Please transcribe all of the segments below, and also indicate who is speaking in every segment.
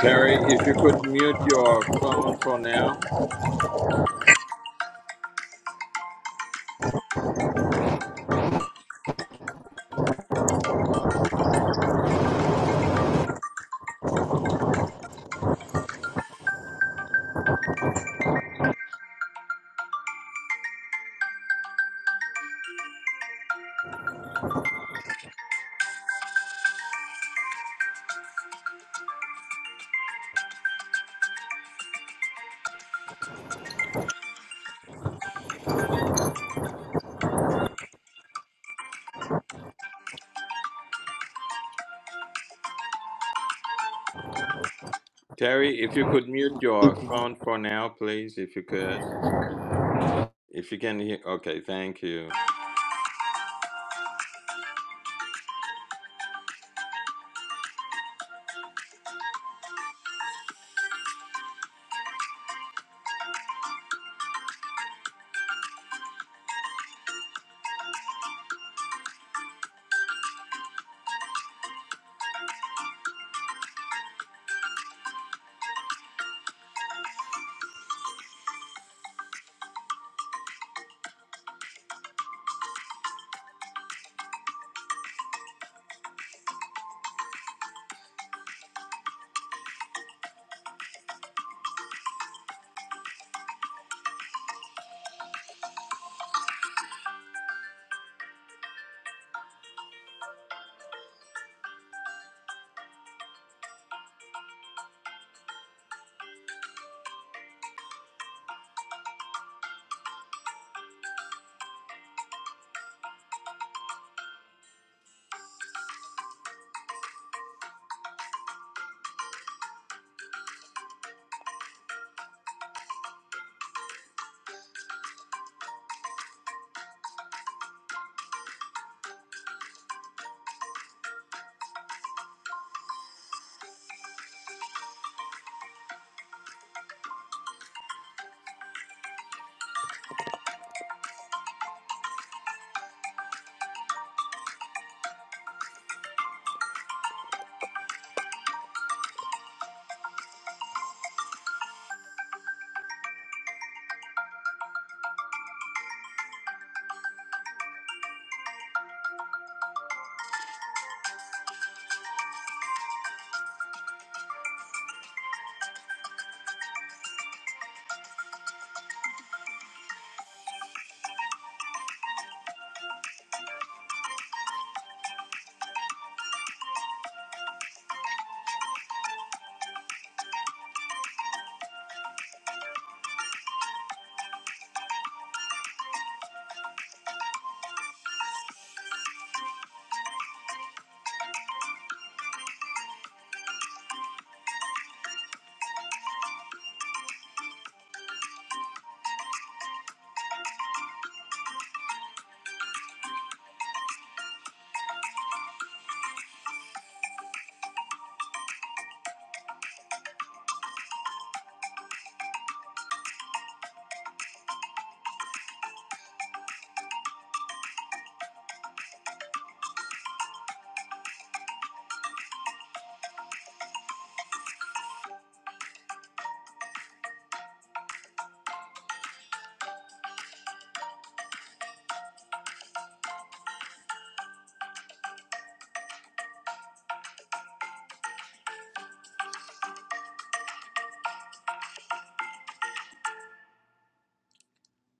Speaker 1: Terry, if you could mute your phone for now. Terry, if you could mute your phone for now, please, if you could. If you can hear, okay, thank you.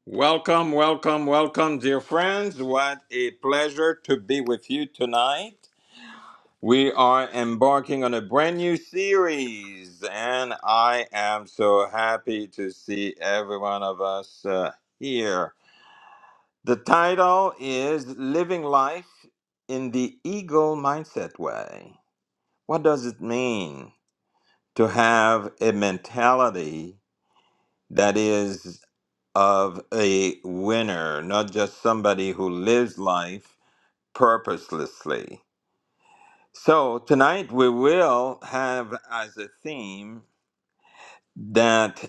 Speaker 1: Welcome, welcome, welcome, dear friends. What a pleasure to be with you tonight. We are embarking on a brand new series, and I am so happy to see every one of us uh, here. The title is Living Life in the Eagle Mindset Way. What does it mean to have a mentality that is of a winner, not just somebody who lives life purposelessly? So, tonight we will have as a theme that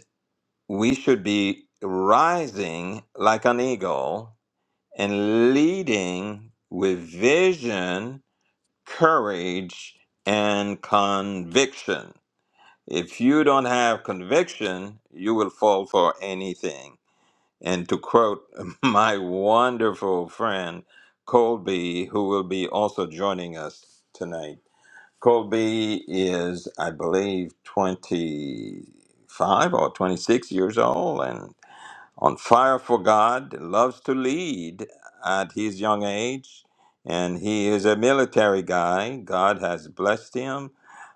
Speaker 1: we should be rising like an eagle and leading with vision, courage, and conviction. If you don't have conviction, you will fall for anything. And to quote my wonderful friend Colby, who will be also joining us tonight, Colby is, I believe, 25 or 26 years old, and on fire for God, loves to lead at his young age, and he is a military guy. God has blessed him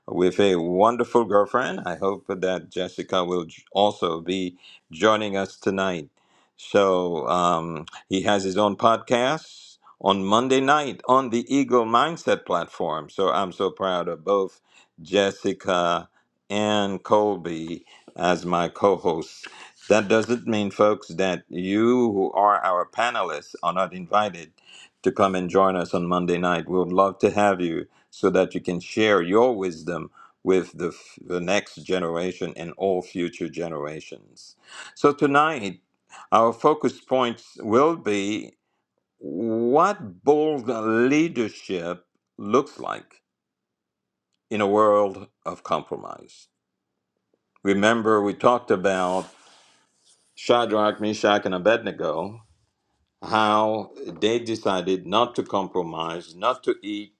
Speaker 1: with a wonderful girlfriend. I hope that Jessica will j- also be joining us tonight. So um, he has his own podcast on Monday night on the Eagle Mindset platform. So I'm so proud of both Jessica and Colby as my co-hosts that doesn't mean, folks, that you who are our panelists are not invited to come and join us on Monday night. We would love to have you so that you can share your wisdom with the, f- the next generation and all future generations. So, tonight, our focus points will be what bold leadership looks like in a world of compromise. Remember, we talked about Shadrach, Meshach, and Abednego how they decided not to compromise, not to eat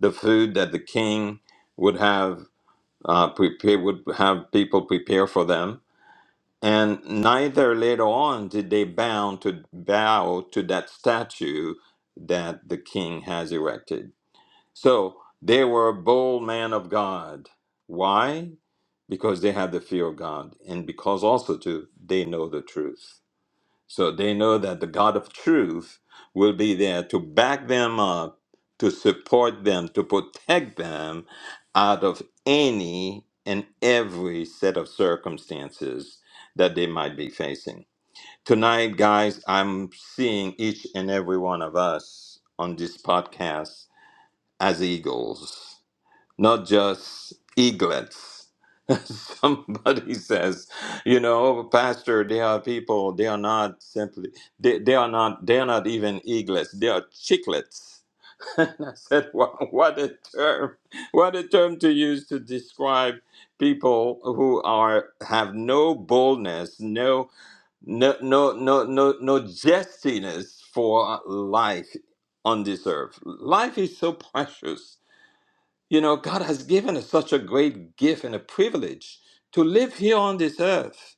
Speaker 1: the food that the king would have uh, prepare, would have people prepare for them, and neither later on did they bow to bow to that statue that the king has erected. So they were bold men of God. Why? Because they had the fear of God, and because also too they know the truth. So they know that the God of truth will be there to back them up, to support them, to protect them out of any and every set of circumstances that they might be facing. Tonight, guys, I'm seeing each and every one of us on this podcast as eagles not just eaglets. Somebody says, you know, "Oh, Pastor, they are people, they are not simply, they, they are not, they are not even eaglets, they are chicklets. and I said, wow, what a term, what a term to use to describe people who are, have no boldness, no, no, no, no, no, no zestiness for life on this earth. Life is so precious you know, God has given us such a great gift and a privilege to live here on this earth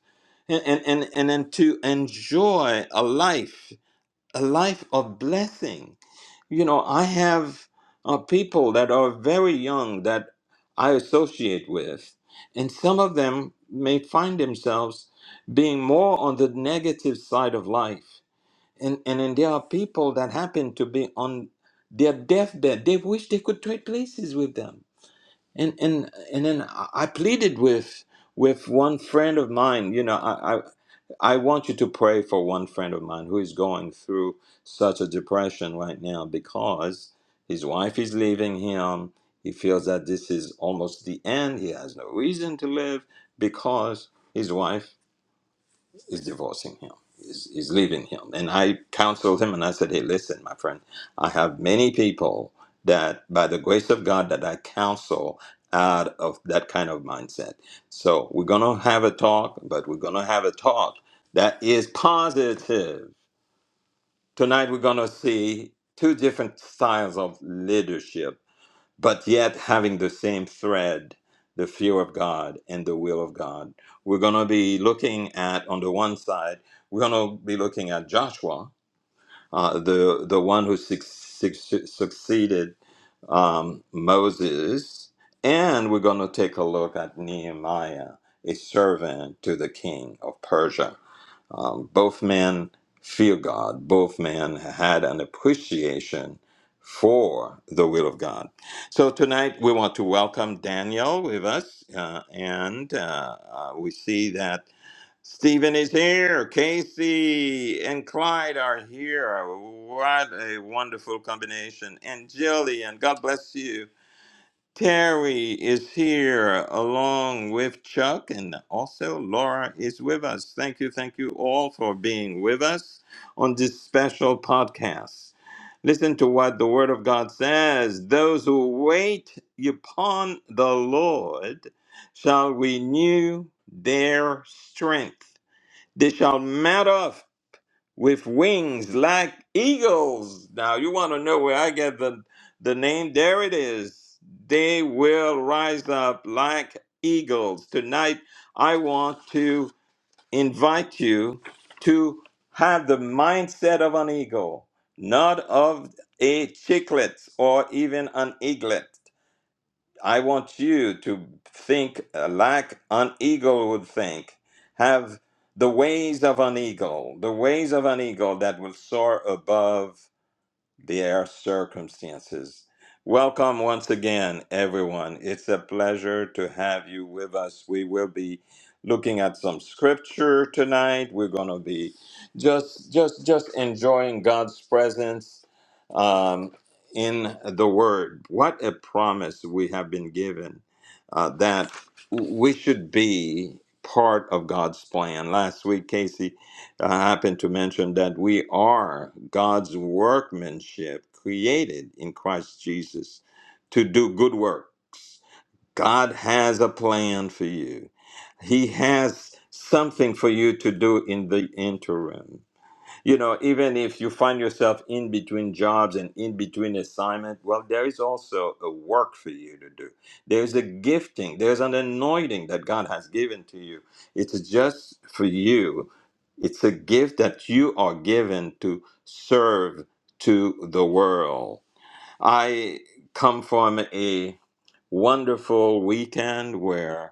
Speaker 1: and, and, and, and, then to enjoy a life, a life of blessing. You know, I have uh, people that are very young that I associate with, and some of them may find themselves being more on the negative side of life. And, and then there are people that happen to be on their deathbed. They wish they could trade places with them and and and then I I pleaded with with one friend of mine. You know, I, I I want you to pray for one friend of mine who is going through such a depression right now because his wife is leaving him. He feels that this is almost the end. He has no reason to live because his wife is divorcing him, is, is leaving him. And I counseled him and I said, Hey, listen, my friend, I have many people that, by the grace of God, that I counsel out of that kind of mindset. So we're going to have a talk, but we're going to have a talk that is positive. Tonight, we're going to see two different styles of leadership but yet having the same thread the fear of god and the will of god we're going to be looking at on the one side we're going to be looking at joshua uh, the the one who suc- suc- succeeded um, moses and we're going to take a look at nehemiah a servant to the king of persia um, both men fear God. Both men had an appreciation for the will of God. So tonight we want to welcome Daniel with us, uh, and uh, uh, we see that Stephen is here. Casey and Clyde are here. What a wonderful combination. And Jillian, God bless you. Terry is here along with Chuck, and also Laura is with us. Thank you, thank you all for being with us on this special podcast. Listen to what the Word of God says Those who wait upon the Lord shall renew their strength, they shall mount up with wings like eagles. Now you want to know where I get the the name? There it is. They will rise up like eagles. Tonight I want to invite you to have the mindset of an eagle, not of a chicklet or even an eaglet. I want you to think uh, like an eagle would think. Have the ways of an eagle, the ways of an eagle that will soar above their circumstances. Welcome once again, everyone. It's a pleasure to have you with us. We will be looking at some scripture tonight. We're going to be just, just, just enjoying God's presence um, in the Word. What a promise we have been given uh, that we should be part of God's plan. Last week, Casey I happen to mention that we are God's workmanship created in Christ Jesus to do good work. God has a plan for you. He has something for you to do in the interim you know even if you find yourself in between jobs and in between assignment well there is also a work for you to do there's a gifting there's an anointing that god has given to you it's just for you it's a gift that you are given to serve to the world i come from a wonderful weekend where.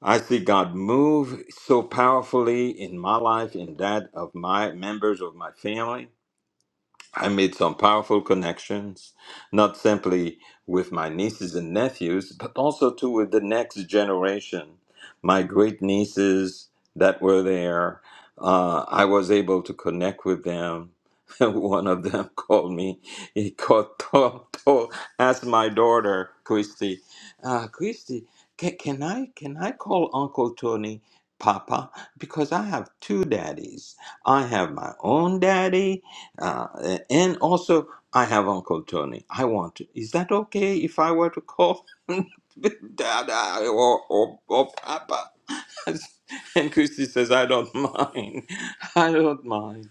Speaker 1: I see God move so powerfully in my life, in that of my members of my family. I made some powerful connections, not simply with my nieces and nephews, but also to with the next generation. My great nieces that were there, uh, I was able to connect with them. One of them called me. He called, told, told, asked my daughter Christy, uh, Christy, can, can I can I call Uncle Tony Papa because I have two daddies. I have my own daddy uh, and also, I have Uncle Tony. I want to. Is that okay if I were to call him Dada or, or, or Papa? And Christy says, I don't mind. I don't mind.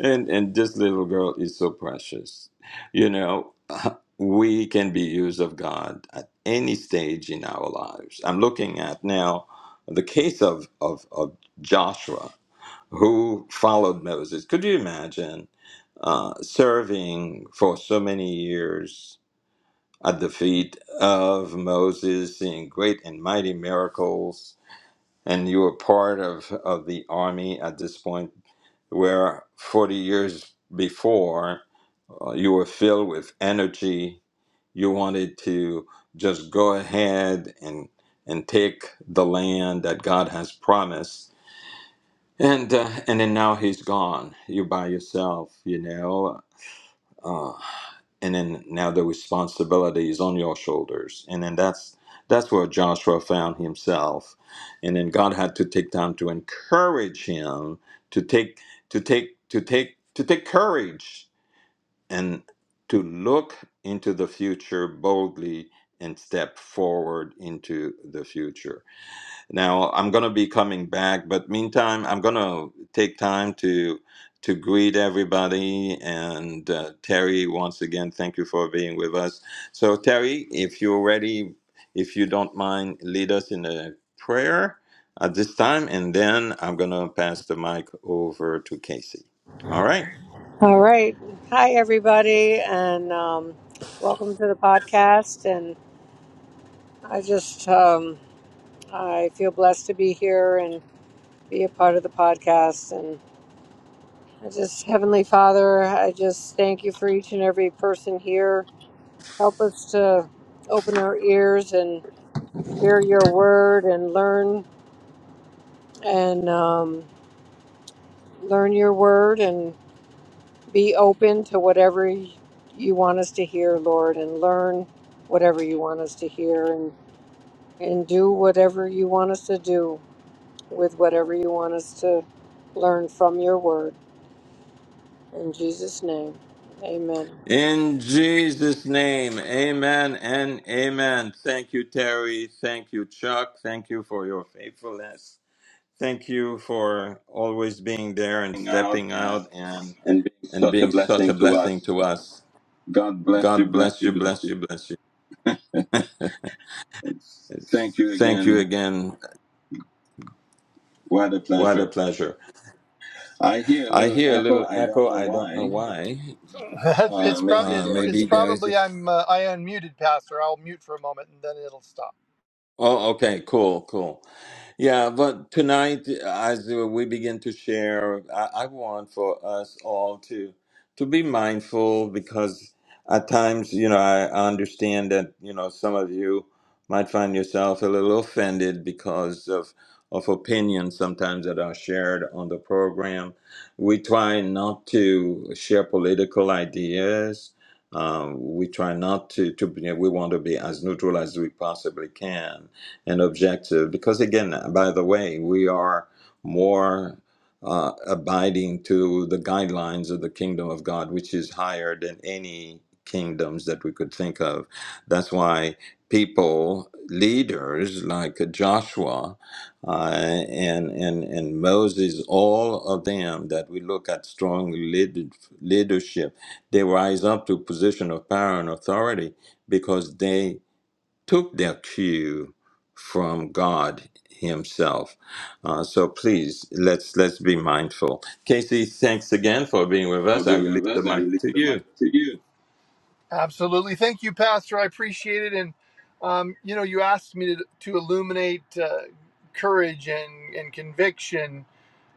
Speaker 1: And, and this little girl is so precious. You know, we can be used of God at any stage in our lives. I'm looking at now the case of, of, of Joshua who followed Moses. Could you imagine uh, serving for so many years at the feet of Moses, seeing great and mighty miracles, and you were part of, of the army at this point, where 40 years before uh, you were filled with energy, you wanted to just go ahead and and take the land that God has promised and uh, and then now he's gone. You're by yourself, you know. Uh, and then now the responsibility is on your shoulders. And then that's that's where Joshua found himself. And then God had to take time to encourage him to take to take to take to take courage and to look into the future boldly and step forward into the future. Now I'm gonna be coming back, but meantime I'm gonna take time to to greet everybody. And uh, Terry, once again, thank you for being with us. So Terry, if you're ready, if you don't mind, lead us in a prayer at this time, and then I'm gonna pass the mic over to Casey. All right.
Speaker 2: All right. Hi, everybody, and um, welcome to the podcast. And I just, um, I feel blessed to be here and be a part of the podcast. And I just, Heavenly Father, I just thank you for each and every person here. Help us to open our ears and hear your word and learn and um, learn your word and be open to whatever you want us to hear, Lord, and learn whatever you want us to hear and do whatever you want us to do with whatever you want us to learn from your word in Jesus name. Amen.
Speaker 1: In Jesus' name, amen and amen. Thank you, Terry. Thank you, Chuck. Thank you for your faithfulness. Thank you for always being there and
Speaker 3: out
Speaker 1: stepping
Speaker 3: and,
Speaker 1: out and
Speaker 3: and being
Speaker 1: and
Speaker 3: such a
Speaker 1: being such a
Speaker 3: blessing to
Speaker 1: blessing
Speaker 3: us.
Speaker 1: to us.
Speaker 3: God bless you,
Speaker 1: God
Speaker 3: bless
Speaker 1: bless
Speaker 3: you,
Speaker 1: you,
Speaker 3: bless
Speaker 1: bless
Speaker 3: you.
Speaker 1: you, bless you.
Speaker 3: It's, thank you
Speaker 1: Thank you
Speaker 3: again.
Speaker 1: again.
Speaker 3: What a
Speaker 1: What a
Speaker 3: pleasure.
Speaker 1: pleasure.
Speaker 3: I hear a
Speaker 1: I
Speaker 3: little
Speaker 1: hear a
Speaker 3: echo.
Speaker 1: little
Speaker 3: I don't
Speaker 1: echo.
Speaker 3: know
Speaker 1: I don't know
Speaker 3: why.
Speaker 1: why.
Speaker 3: it's, Uh, it's, pro- maybe
Speaker 1: Uh,
Speaker 3: it's, there is it's a
Speaker 1: maybe there is.
Speaker 3: probably I'm uh, I unmuted, Pastor. I'll mute for a moment and then it'll stop.
Speaker 1: Oh, okay, cool, cool. Yeah, but tonight, as we begin to share, I, I want for us all to to be mindful because at times, you know, I understand that you know some of you might find yourself a little offended because of of opinions sometimes that are shared on the program. We try not to share political ideas. Um, we try not to, to. be- We want to be as neutral as we possibly can and objective. Because again, by the way, we are more uh, abiding to the guidelines of the kingdom of God, which is higher than any kingdoms that we could think of. That's why people, leaders like Joshua uh, and, and, and Moses, all of them that we look at strong lead, leadership, they rise up to position of power and authority because they took their cue from God Himself. Uh, so please let's let's be mindful. Casey, thanks again for being with
Speaker 3: for
Speaker 1: us. I
Speaker 3: being
Speaker 1: release
Speaker 3: with
Speaker 1: the
Speaker 3: us. I
Speaker 1: mic
Speaker 3: release
Speaker 1: to
Speaker 3: the mic
Speaker 1: you.
Speaker 3: to you. Absolutely. Thank you, Pastor. I appreciate it. And, um, you know, you asked me to, to illuminate uh, courage and, and conviction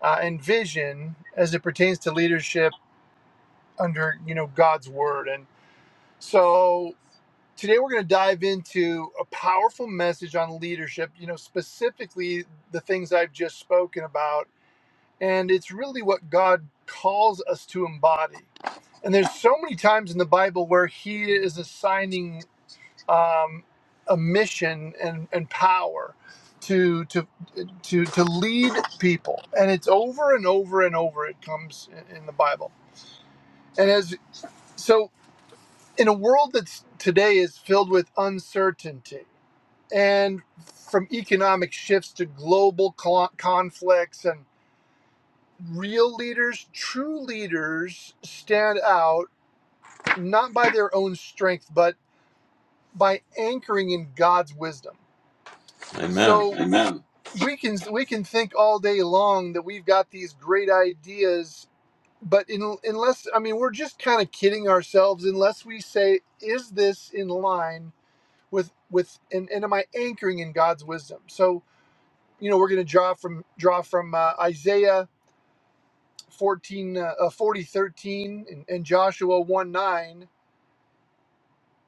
Speaker 3: uh, and vision as it pertains to leadership under, you know, God's word. And so today we're going to dive into a powerful message on leadership, you know, specifically the things I've just spoken about. And it's really what God calls us to embody. And there's so many times in the Bible where he is assigning um, a mission and, and power to to to to lead people and it's over and over and over it comes in in the bible and as so in a world that's today is filled with uncertainty and from economic shifts to global co- conflicts and real leaders true leaders stand out not by their own strength but by anchoring in god's wisdom
Speaker 1: Amen.
Speaker 3: So Amen. we can we can think all day long that we've got these great ideas, but in, unless I mean we're just kind of kidding ourselves unless we say, is this in line with with and, and am I anchoring in God's wisdom? So you know we're going to draw from draw from uh, Isaiah 14 uh, uh, 40 thirteen and, and Joshua 1 9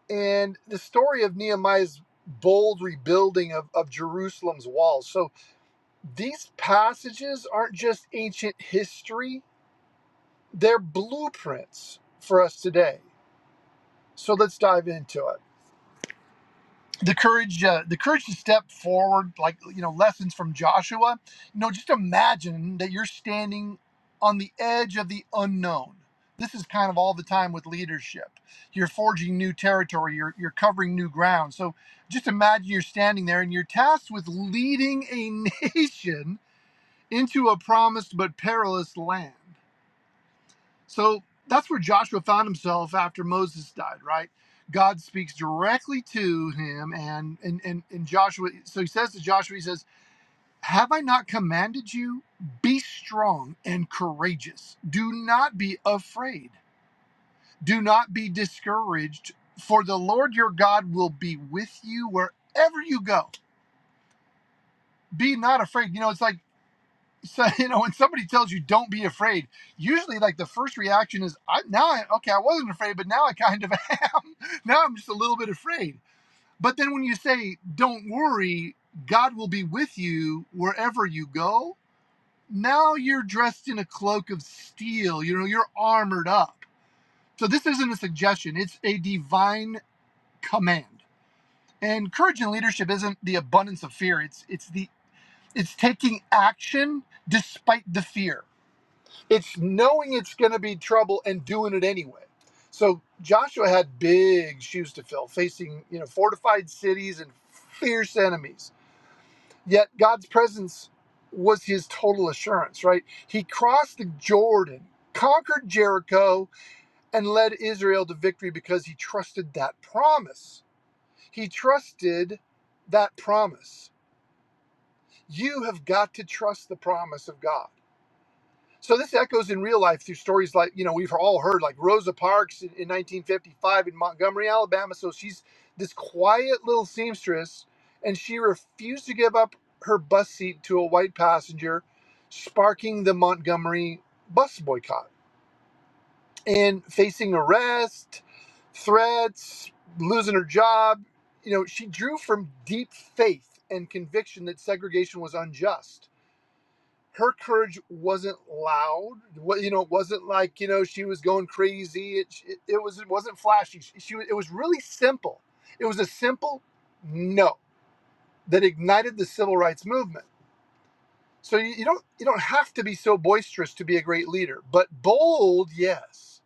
Speaker 3: and the story of Nehemiah's bold rebuilding of, of Jerusalem's walls. So these passages aren't just ancient history, they're blueprints for us today. So let's dive into it. The courage, uh, the courage to step forward, like you know, lessons from Joshua. You know, just imagine that you're standing on the edge of the unknown. This is kind of all the time with leadership. You're forging new territory. You're you're covering new ground. So just imagine you're standing there and you're tasked with leading a nation into a promised but perilous land. So that's where Joshua found himself after Moses died, right? God speaks directly to him and and and, and Joshua so he says to Joshua, he says, Have I not commanded you? Be strong and courageous. Do not be afraid. Do not be discouraged, for the Lord your God will be with you wherever you go. Be not afraid. You know, it's like so you know when somebody tells you don't be afraid usually like the first reaction is i now I, okay i wasn't afraid but now i kind of am now i'm just a little bit afraid but then when you say don't worry god will be with you wherever you go now you're dressed in a cloak of steel you know you're armored up so this isn't a suggestion it's a divine command and courage in leadership isn't the abundance of fear it's it's the it's taking action despite the fear It's knowing it's going to be trouble and doing it anyway. So Joshua had big shoes to fill, facing you know fortified cities and fierce enemies. Yet God's presence was his total assurance. Right? He crossed the Jordan, conquered Jericho, and led Israel to victory because he trusted that promise. He trusted that promise. You have got to trust the promise of God So this echoes in real life through stories like you know we've all heard like Rosa Parks in, in 1955 in Montgomery, Alabama. So she's this quiet little seamstress, and she refused to give up her bus seat to a white passenger, sparking the Montgomery bus boycott and facing arrest, threats, losing her job. You know she drew from deep faith and conviction that segregation was unjust her courage wasn't loud. What you know, it wasn't like you know she was going crazy. It it, it was it wasn't flashy. She, she it was really simple. It was a simple no that ignited the civil rights movement. So you, you don't you don't have to be so boisterous to be a great leader, but bold, yes.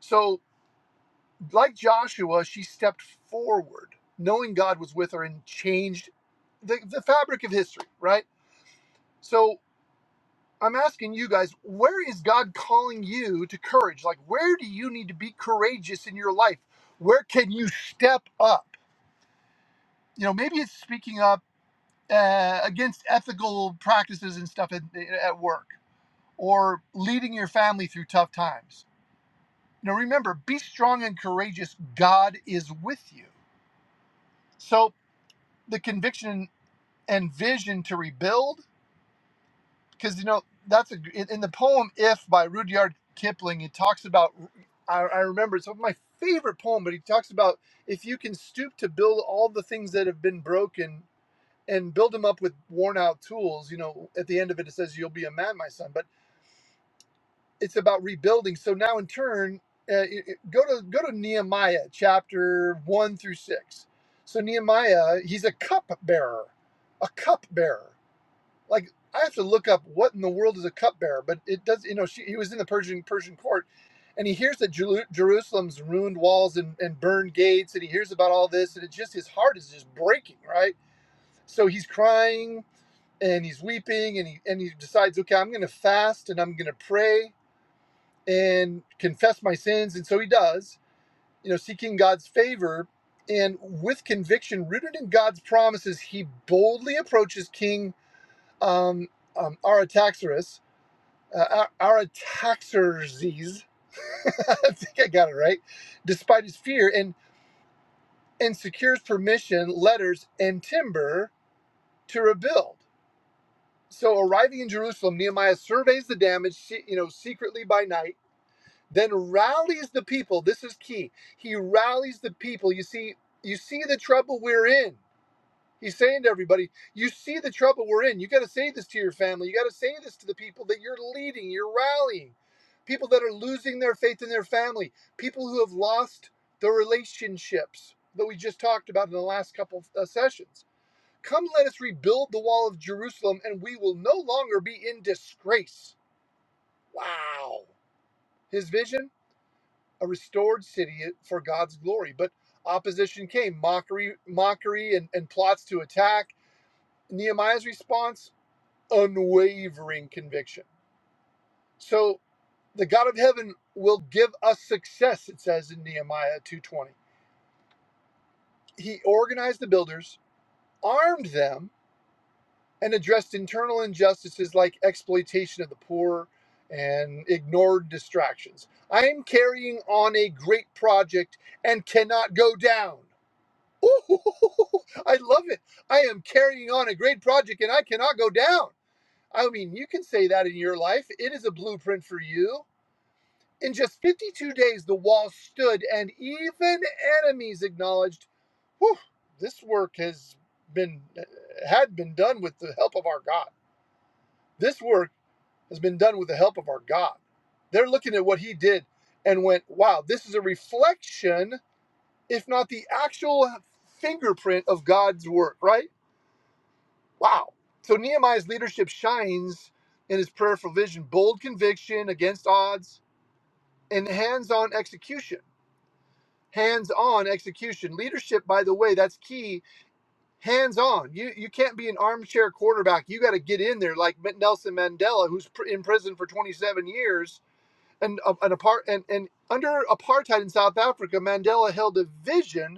Speaker 3: So like Joshua, she stepped forward, knowing God was with her and changed the, the fabric of history. Right. So I'm asking you guys, where is God calling you to courage? Like, where do you need to be courageous in your life? Where can you step up? You know, maybe it's speaking up uh, against ethical practices and stuff at, at work or leading your family through tough times. Now, remember, be strong and courageous. God is with you. So, the conviction and vision to rebuild because you know that's a in, in the poem "If" by Rudyard Kipling. It talks about I, I remember it's one of my favorite poem, but he talks about if you can stoop to build all the things that have been broken and build them up with worn out tools. You know, at the end of it, it says you'll be a man, my son. But it's about rebuilding. So now, in turn, uh, it, it- go to go to Nehemiah chapter one through six. So Nehemiah, he's a cup bearer, a cup bearer like I have to look up what in the world is a cupbearer, but it does. You know, she, he was in the Persian Persian court, and he hears that Jeru- Jerusalem's ruined walls and, and burned gates, and he hears about all this, and it just his heart is just breaking, right? So he's crying and he's weeping, and he and he decides, okay, I'm going to fast and I'm going to pray and confess my sins, and so he does, you know, seeking God's favor. And with conviction rooted in God's promises, he boldly approaches King um, um, Artaxerxes, uh, Ar- Artaxerxes, I think I got it right, despite his fear and, and secures permission, letters, and timber to rebuild. So arriving in Jerusalem, Nehemiah surveys the damage, you know, secretly by night, then rallies the people. This is key. He rallies the people. You see, you see the trouble we're in. He's saying to everybody, you see the trouble we're in. You got to say this to your family. You got to say this to the people that you're leading, you're rallying. People that are losing their faith in their family, people who have lost the relationships that we just talked about in the last couple of uh, sessions. Come let us rebuild the wall of Jerusalem and we will no longer be in disgrace. Wow. His vision, a restored city for God's glory, but opposition came, mockery, mockery and, and plots to attack Nehemiah's response unwavering conviction. So the God of heaven will give us success, it says in Nehemiah 2:20. He organized the builders, armed them, and addressed internal injustices like exploitation of the poor and ignored distractions. I am carrying on a great project and cannot go down. Ooh, I love it. I am carrying on a great project and I cannot go down. I mean, you can say that in your life. It is a blueprint for you. In just 52 days, the wall stood, and even enemies acknowledged, Whew, this work has been had been done with the help of our God. This work has been done with the help of our God. They're looking at what he did and went, wow, this is a reflection, if not the actual fingerprint of God's work, right? Wow. So Nehemiah's leadership shines in his prayerful vision, bold conviction against odds, and hands on execution. Hands on execution. Leadership, by the way, that's key. Hands on. You, you can't be an armchair quarterback. You got to get in there like Nelson Mandela, who's pr- in prison for 27 years. And, uh, and, apart, and, and under apartheid in South Africa, Mandela held a vision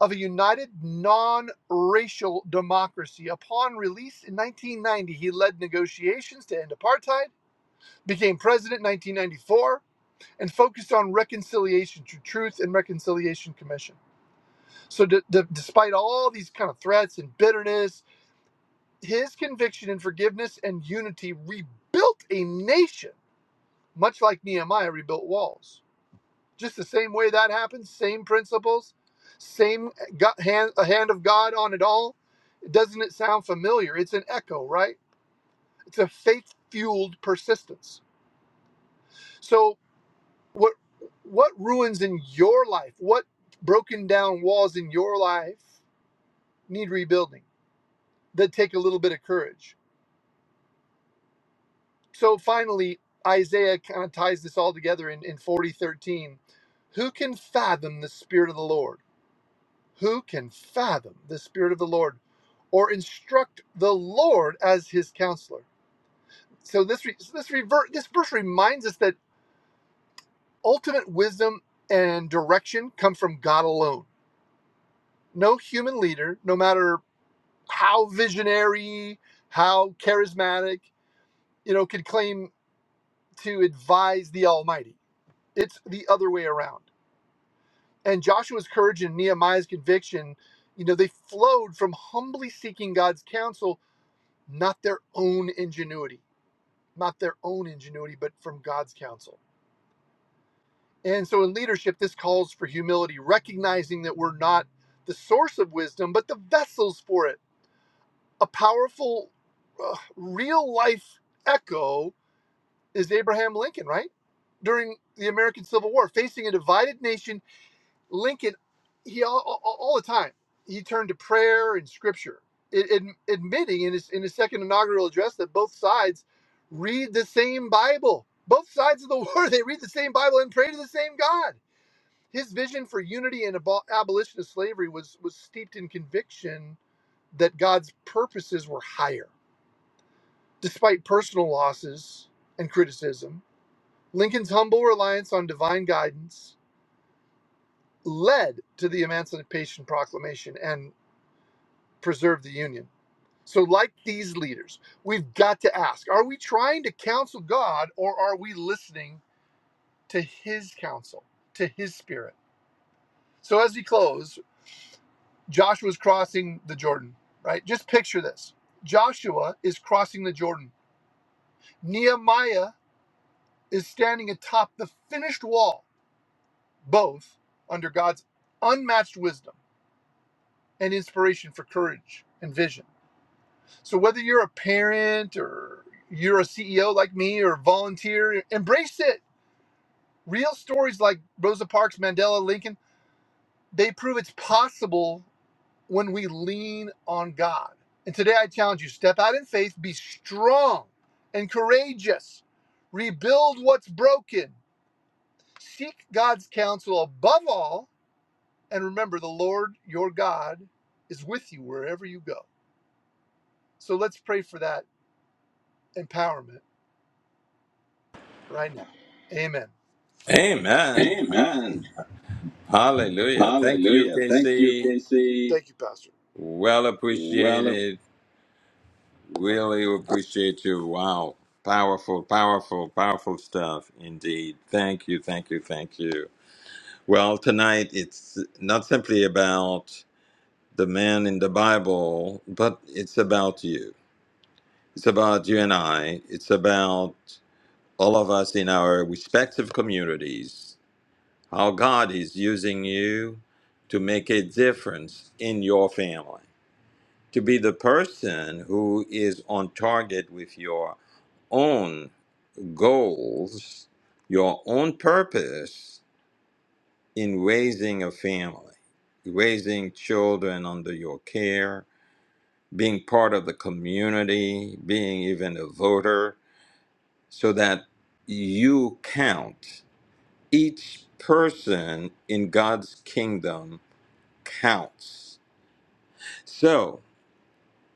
Speaker 3: of a united non racial democracy. Upon release in 1990, he led negotiations to end apartheid, became president in 1994, and focused on reconciliation through Truth and Reconciliation Commission. So, d- d- despite all these kind of threats and bitterness, his conviction in forgiveness and unity rebuilt a nation, much like Nehemiah rebuilt walls. just the same way that happens, same principles, same go- hand, a hand of God on it all. Doesn't it sound familiar? It's an echo, right? It's a faith fueled persistence. So, what what ruins in your life? What broken down walls in your life need rebuilding? That take a little bit of courage. So finally, Isaiah kind of ties this all together in in forty thirteen. Who can fathom the spirit of the Lord? Who can fathom the Spirit of the Lord or instruct the Lord as his counselor? So this re- so this revert this verse reminds us that ultimate wisdom and direction come from God alone. No human leader, no matter how visionary, how charismatic, you know, could claim to advise the Almighty. It's the other way around. And Joshua's courage and Nehemiah's conviction, you know, they flowed from humbly seeking God's counsel not their own ingenuity, not their own ingenuity, but from God's counsel. And so in leadership, this calls for humility, recognizing that we're not the source of wisdom, but the vessels for it. A powerful, uh, real life echo is Abraham Lincoln, right? During the American Civil War, facing a divided nation Lincoln, he all, all, all the time he turned to prayer and scripture, ad- ad- admitting in his in his second inaugural address that both sides read the same Bible. Both sides of the war, they read the same Bible and pray to the same God. His vision for unity and abo- abolition of slavery was was steeped in conviction that God's purposes were higher, despite personal losses and criticism. Lincoln's humble reliance on divine guidance led to the Emancipation Proclamation and. preserve the union. So, like these leaders, we've got to ask are we trying to counsel God or are we listening to his counsel, to his spirit? So, as we close, Joshua's crossing the Jordan, right? Just picture this Joshua is crossing the Jordan. Nehemiah is standing atop the finished wall, both under God's unmatched wisdom and inspiration for courage and vision. So whether you're a parent or you're a CEO like me or volunteer, embrace it. Real stories like Rosa Parks, Mandela, Lincoln, they prove it's possible when we lean on God. And today I challenge you, step out in faith, be strong and courageous. Rebuild what's broken. Seek God's counsel above all and remember the Lord your God is with you wherever you go. So let's pray for that empowerment right now. Amen.
Speaker 1: Amen.
Speaker 3: Amen.
Speaker 1: Hallelujah. Thank you,
Speaker 3: Hallelujah. Thank you,
Speaker 1: Casey.
Speaker 3: Casey. Thank you, Pastor.
Speaker 1: Well
Speaker 3: Well
Speaker 1: appreciated. Really appreciate you. Wow. Powerful, powerful, powerful stuff indeed. Thank you, thank you, thank you. Well, tonight it's not simply about the man in the Bible, but it's about you. It's about you and I. It's about all of us in our respective communities, how God is using you to make a difference in your family, to be the person who is on target with your own goals, your own purpose in raising a family, raising children under your care, being part of the community, being even a voter, so that you count. Each person in God's kingdom counts. So,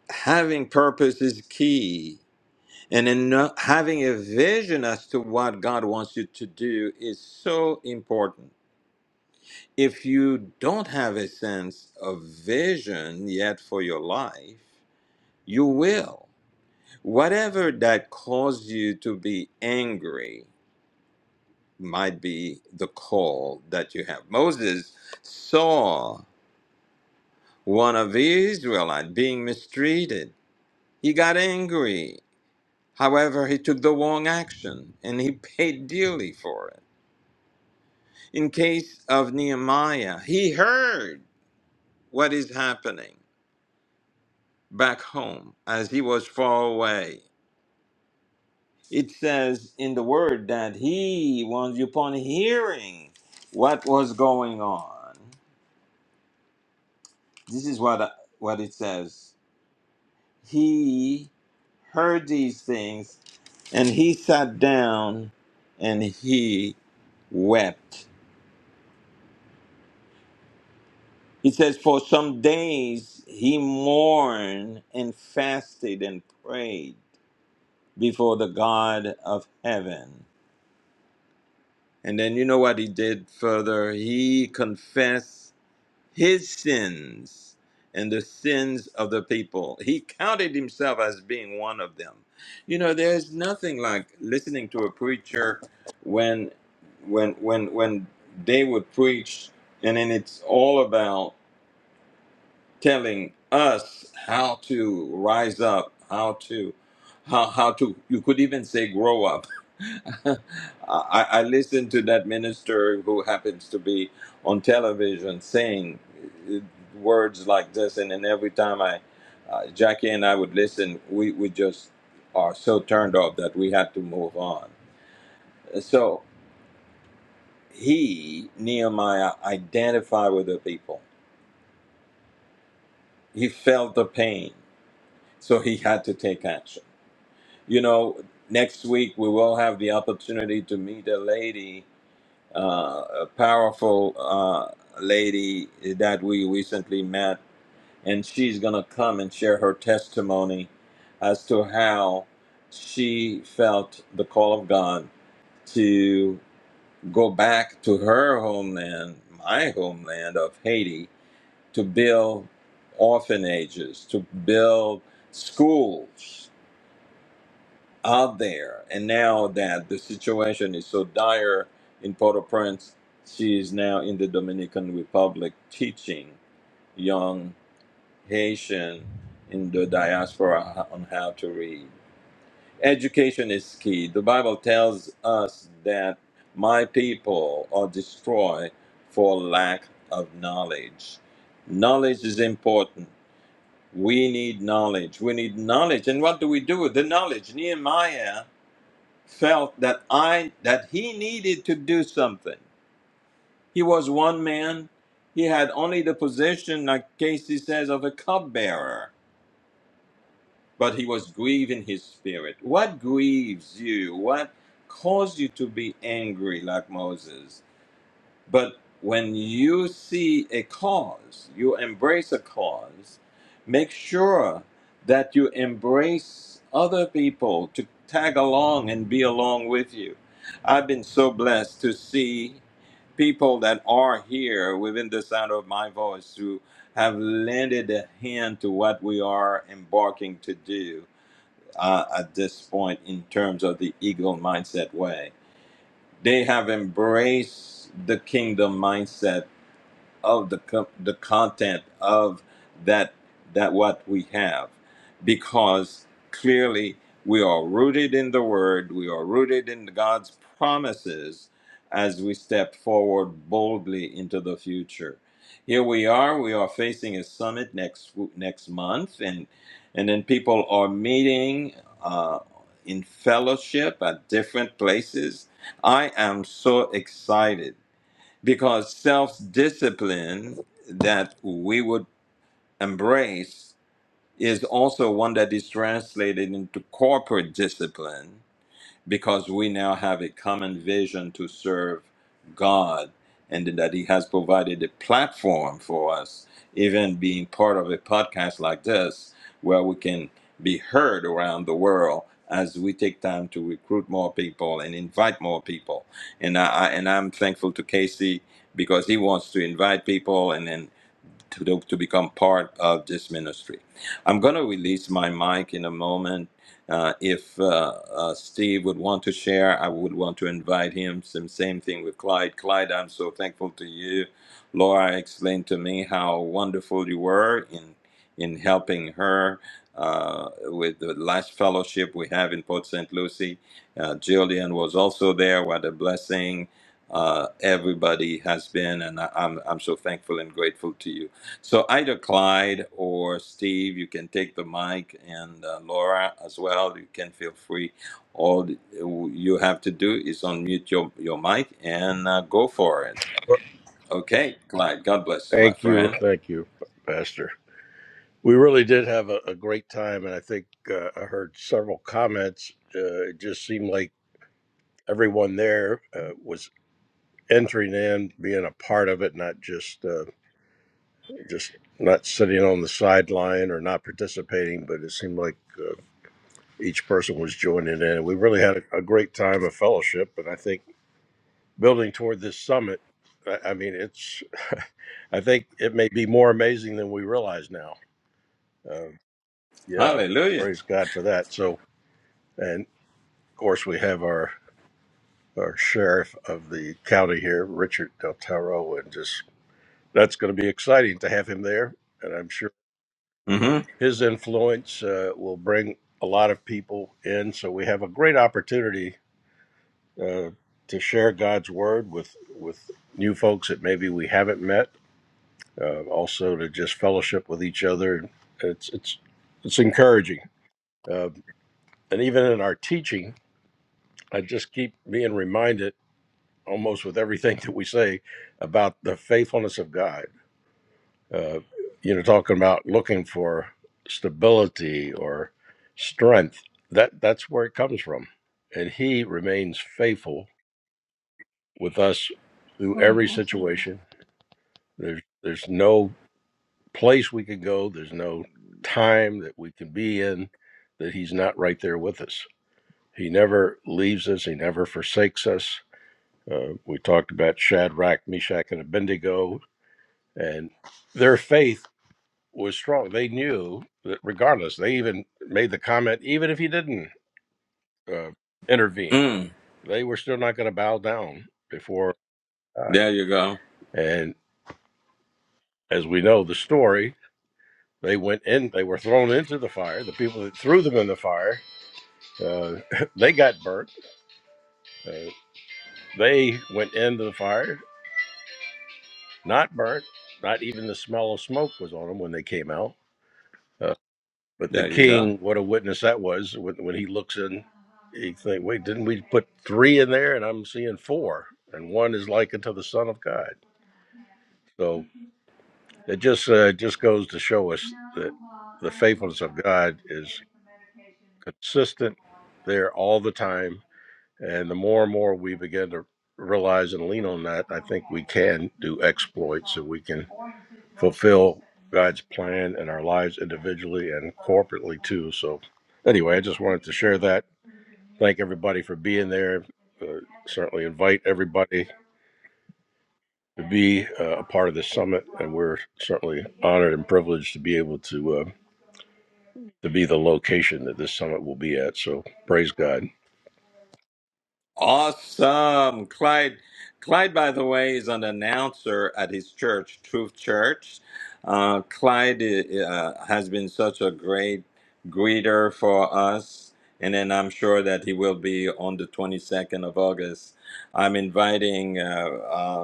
Speaker 1: having purpose is key. And in no- having a vision as to what God wants you to do is so important. If you don't have a sense of vision yet for your life, you will. Whatever that caused you to be angry might be the call that you have. Moses saw one of the Israelites being mistreated. He got angry. However, he took the wrong action and he paid dearly for it. In case of Nehemiah, he heard what is happening back home as he was far away. it says in the word that he, once upon hearing what was going on, this is what what it says. He heard these things, and he sat down, and he wept. He says, for some days he mourned and fasted and prayed before the God of heaven. And then you know what he did further? He confessed his sins and the sins of the people. He counted himself as being one of them. You know, there's nothing like listening to a preacher when when when when they would preach and then it's all about telling us how to rise up, how to, how, how to, you could even say grow up. I, I listened to that minister who happens to be on television saying uh, words like this, and then every time I, uh, Jackie and I would listen, we, we just are so turned off that we had to move on. So he, Nehemiah, identified with the people. He felt the pain, so he had to take action you know, next week we will have the opportunity to meet a lady, uh, a powerful uh, lady that we recently met, and she's going to come and share her testimony as to how she felt the call of God to go back to her homeland, my homeland of Haiti, to build orphanages, to build schools are there. And now that the situation is so dire in Port au Prince, she is now in the Dominican Republic teaching young Haitian in the diaspora ho- on how to read. Education is key. The Bible tells us that my people are destroyed for lack of knowledge. Knowledge is important. We need knowledge. We need knowledge. And what do we do with the knowledge? Nehemiah felt that I that he needed to do something. He was one man. He had only the position, like Casey says, of a cupbearer, but he was grieving his spirit. What grieves you? What caused you to be angry like Moses? But when you see a cause, you embrace a cause, make sure that you embrace other people to tag along and be along with you. I've been so blessed to see people that are here within the sound of my voice who have lended a hand to what we are embarking to do uh, at this point in terms of the eagle mindset way they have embraced the kingdom mindset of the co- the content of that that what we have because clearly we are rooted in the word we are rooted in God's promises as we step forward boldly into the future here we are we are facing a summit next next month and and then people are meeting uh, in fellowship at different places i am so excited because self discipline that we would embrace is also one that is translated into corporate discipline because we now have a common vision to serve God and that He has provided a platform for us, even being part of a podcast like this, where we can be heard around the world as we take time to recruit more people and invite more people. And I I- and I'm thankful to Casey because he wants to invite people and then to, do- to become part of this ministry. I'm going to release my mic in a moment. Uh, if uh, uh, Steve would want to share, I would want to invite him. Same, same thing with Clyde. Clyde, I'm so thankful to you. Laura explained to me how wonderful you were in in helping her uh, with the last fellowship we have in Port St. Lucie. Uh, Jillian was also there. What a blessing uh, everybody has been, and I, I'm I'm so thankful and grateful to you. So either Clyde or Steve, you can take the mic, and uh, Laura as well. You can feel free. All th- you have to do is unmute your your mic and uh, go for it. Okay, Clyde. God bless you, my
Speaker 4: Thank you.
Speaker 1: friend.
Speaker 4: Thank you, Pastor. We really did have a, a great time. And I think uh, I heard several comments. Uh, it just seemed like everyone there uh, was entering in, being a part of it, not just uh, just not sitting on the sideline or not participating, but it seemed like uh, each person was joining in. we really had a, a great time of fellowship. And I think building toward this summit, I, I mean, it's, I think it may be more amazing than we realize now. Um, Yeah,
Speaker 1: Hallelujah.
Speaker 4: praise God for that. So, and of course, we have our our sheriff of the county here, Richard Del Toro, and just that's going to be exciting to have him there. And I'm sure
Speaker 1: Mm-hmm.
Speaker 4: his influence uh, will bring a lot of people in. So we have a great opportunity uh, to share God's word with with new folks that maybe we haven't met. Uh, also, to just fellowship with each other. It's it's it's encouraging, uh, and even in our teaching. I just keep being reminded almost with everything that we say about the faithfulness of God. Uh, you know, talking about looking for stability or strength. That that's where it comes from, and He remains faithful with us through every situation. There's there's no place we can go. There's no time that we can be in that He's not right there with us. He never leaves us. He never forsakes us Uh, we talked about Shadrach, Meshach, and Abednego, and their faith was strong. They knew that regardless, they even made the comment, even if he didn't uh, intervene,
Speaker 1: Mm.
Speaker 4: they were still not going to bow down before God.
Speaker 1: There you go.
Speaker 4: And as we know the story, they went in, they were thrown into the fire. The people that threw them in the fire, uh, they got burnt. Uh, they went into the fire, not burnt. Not even the smell of smoke was on them when they came out Uh, But the
Speaker 1: There you go.
Speaker 4: king, what a witness that was when, when he looks in, he think, wait, didn't we put three in there? And I'm seeing four, and one is likened to the Son of God. So it just uh, just goes to show us that the faithfulness of God is consistent there all the time. And the more and more we begin to realize and lean on that, I think we can do exploits and we can fulfill God's plan in our lives individually and corporately too. So anyway, I just wanted to share that thank everybody for being there. Uh, certainly invite everybody to be uh, a part of this summit, and we're certainly honored and privileged to be able to uh, to be the location that this summit will be at. So praise God.
Speaker 1: Awesome. Clyde, Clyde, by the way, is an announcer at his church, Truth Church. Uh, Clyde uh, uh, has been such a great greeter for us. And then I'm sure that he will be on the 22nd of August. I'm inviting uh, um,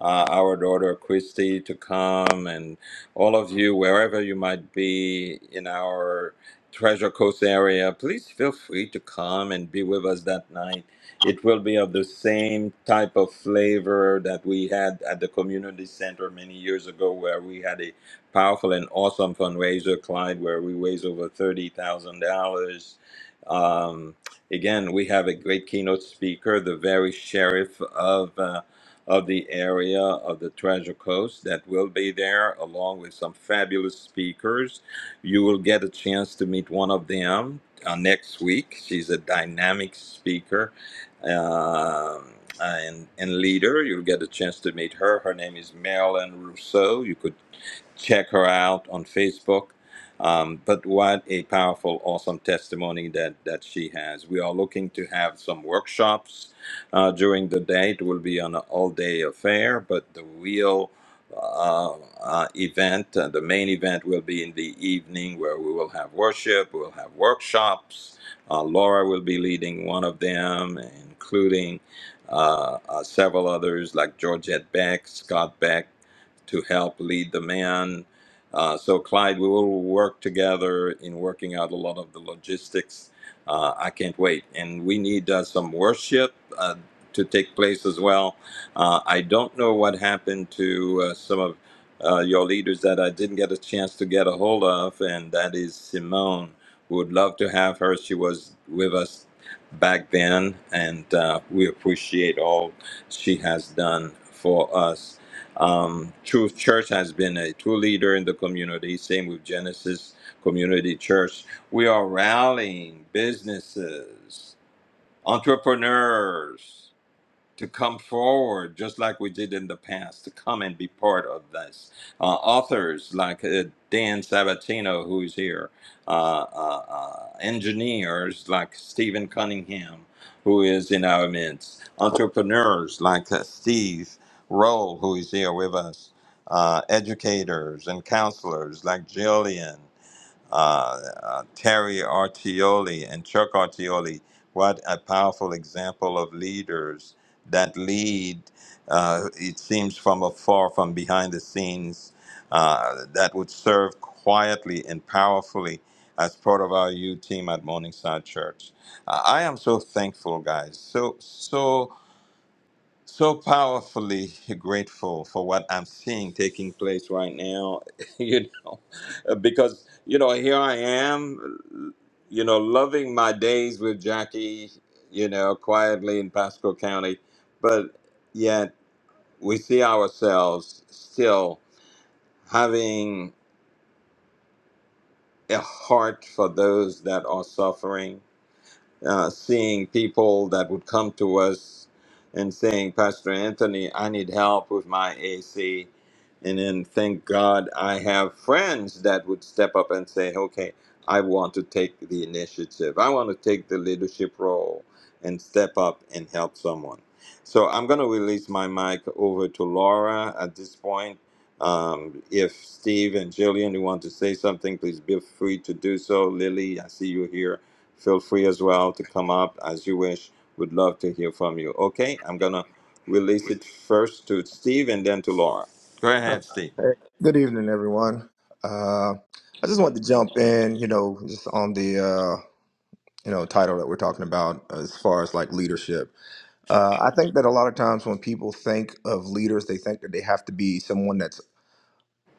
Speaker 1: uh, our daughter Christy to come, and all of you, wherever you might be in our Treasure Coast area, please feel free to come and be with us that night. It will be of the same type of flavor that we had at the community center many years ago, where we had a powerful and awesome fundraiser, Clyde, where we raised over thirty thousand dollars. Um, again, we have a great keynote speaker, the very sheriff of. uh, of the area of the Treasure Coast that will be there, along with some fabulous speakers. You will get a chance to meet one of them uh, next week. She's a dynamic speaker um, and, and leader. You'll get a chance to meet her. Her name is Marilyn Rousseau. You could check her out on Facebook. Um, but what a powerful, awesome testimony that, that she has. We are looking to have some workshops uh, during the day. It will be an all day affair, but the real uh, uh, event, uh, the main event, will be in the evening where we will have worship, we will have workshops. Uh, Laura will be leading one of them, including uh, uh, several others like Georgette Beck, Scott Beck, to help lead the man. Uh, so, Clyde, we will work together in working out a lot of the logistics. Uh, I can't wait. And we need uh, some worship uh, to take place as well. Uh, I don't know what happened to uh, some of uh, your leaders that I didn't get a chance to get a hold of, and that is Simone. We would love to have her. She was with us back then, and uh, we appreciate all she has done for us um, Truth Church has been a true leader in the community. Same with Genesis Community Church. We are rallying businesses, entrepreneurs to come forward, just like we did in the past, to come and be part of this. Uh, authors like uh, Dan Sabatino, who's here, uh, uh, uh, engineers like Stephen Cunningham, who is in our midst, entrepreneurs like uh, Steve Roll, who is here with us, uh, educators and counselors like Jillian uh, uh, Terry Artioli and Chuck Artioli. What a powerful example of leaders that lead, uh, it seems from afar, from behind the scenes, uh, that would serve quietly and powerfully as part of our U team at Morningside Church. Uh, I am so thankful, guys. So, so so powerfully grateful for what I'm seeing taking place right now, you know, because, you know, here I am, you know, loving my days with Jackie, you know, quietly in Pasco County, but yet we see ourselves still having a heart for those that are suffering uh, seeing people that would come to us and saying, Pastor Anthony, I need help with my AC. And then thank God I have friends that would step up and say, okay, I want to take the initiative. I want to take the leadership role and step up and help someone. So I'm going to release my mic over to Laura at this point. Um, if Steve and Jillian, you want to say something, please be free to do so. Lily, I see you here Feel free as well to come up as you wish. Would love to hear from you. Okay, I'm gonna release it first to Steve and then to Laura. Go
Speaker 5: All right.
Speaker 1: ahead, Steve.
Speaker 5: Hey, good evening, everyone. Uh, I just wanted to jump in, you know, just on the uh, you know title that we're talking about as far as like leadership. Uh, I think that a lot of times when people think of leaders, they think that they have to be someone that's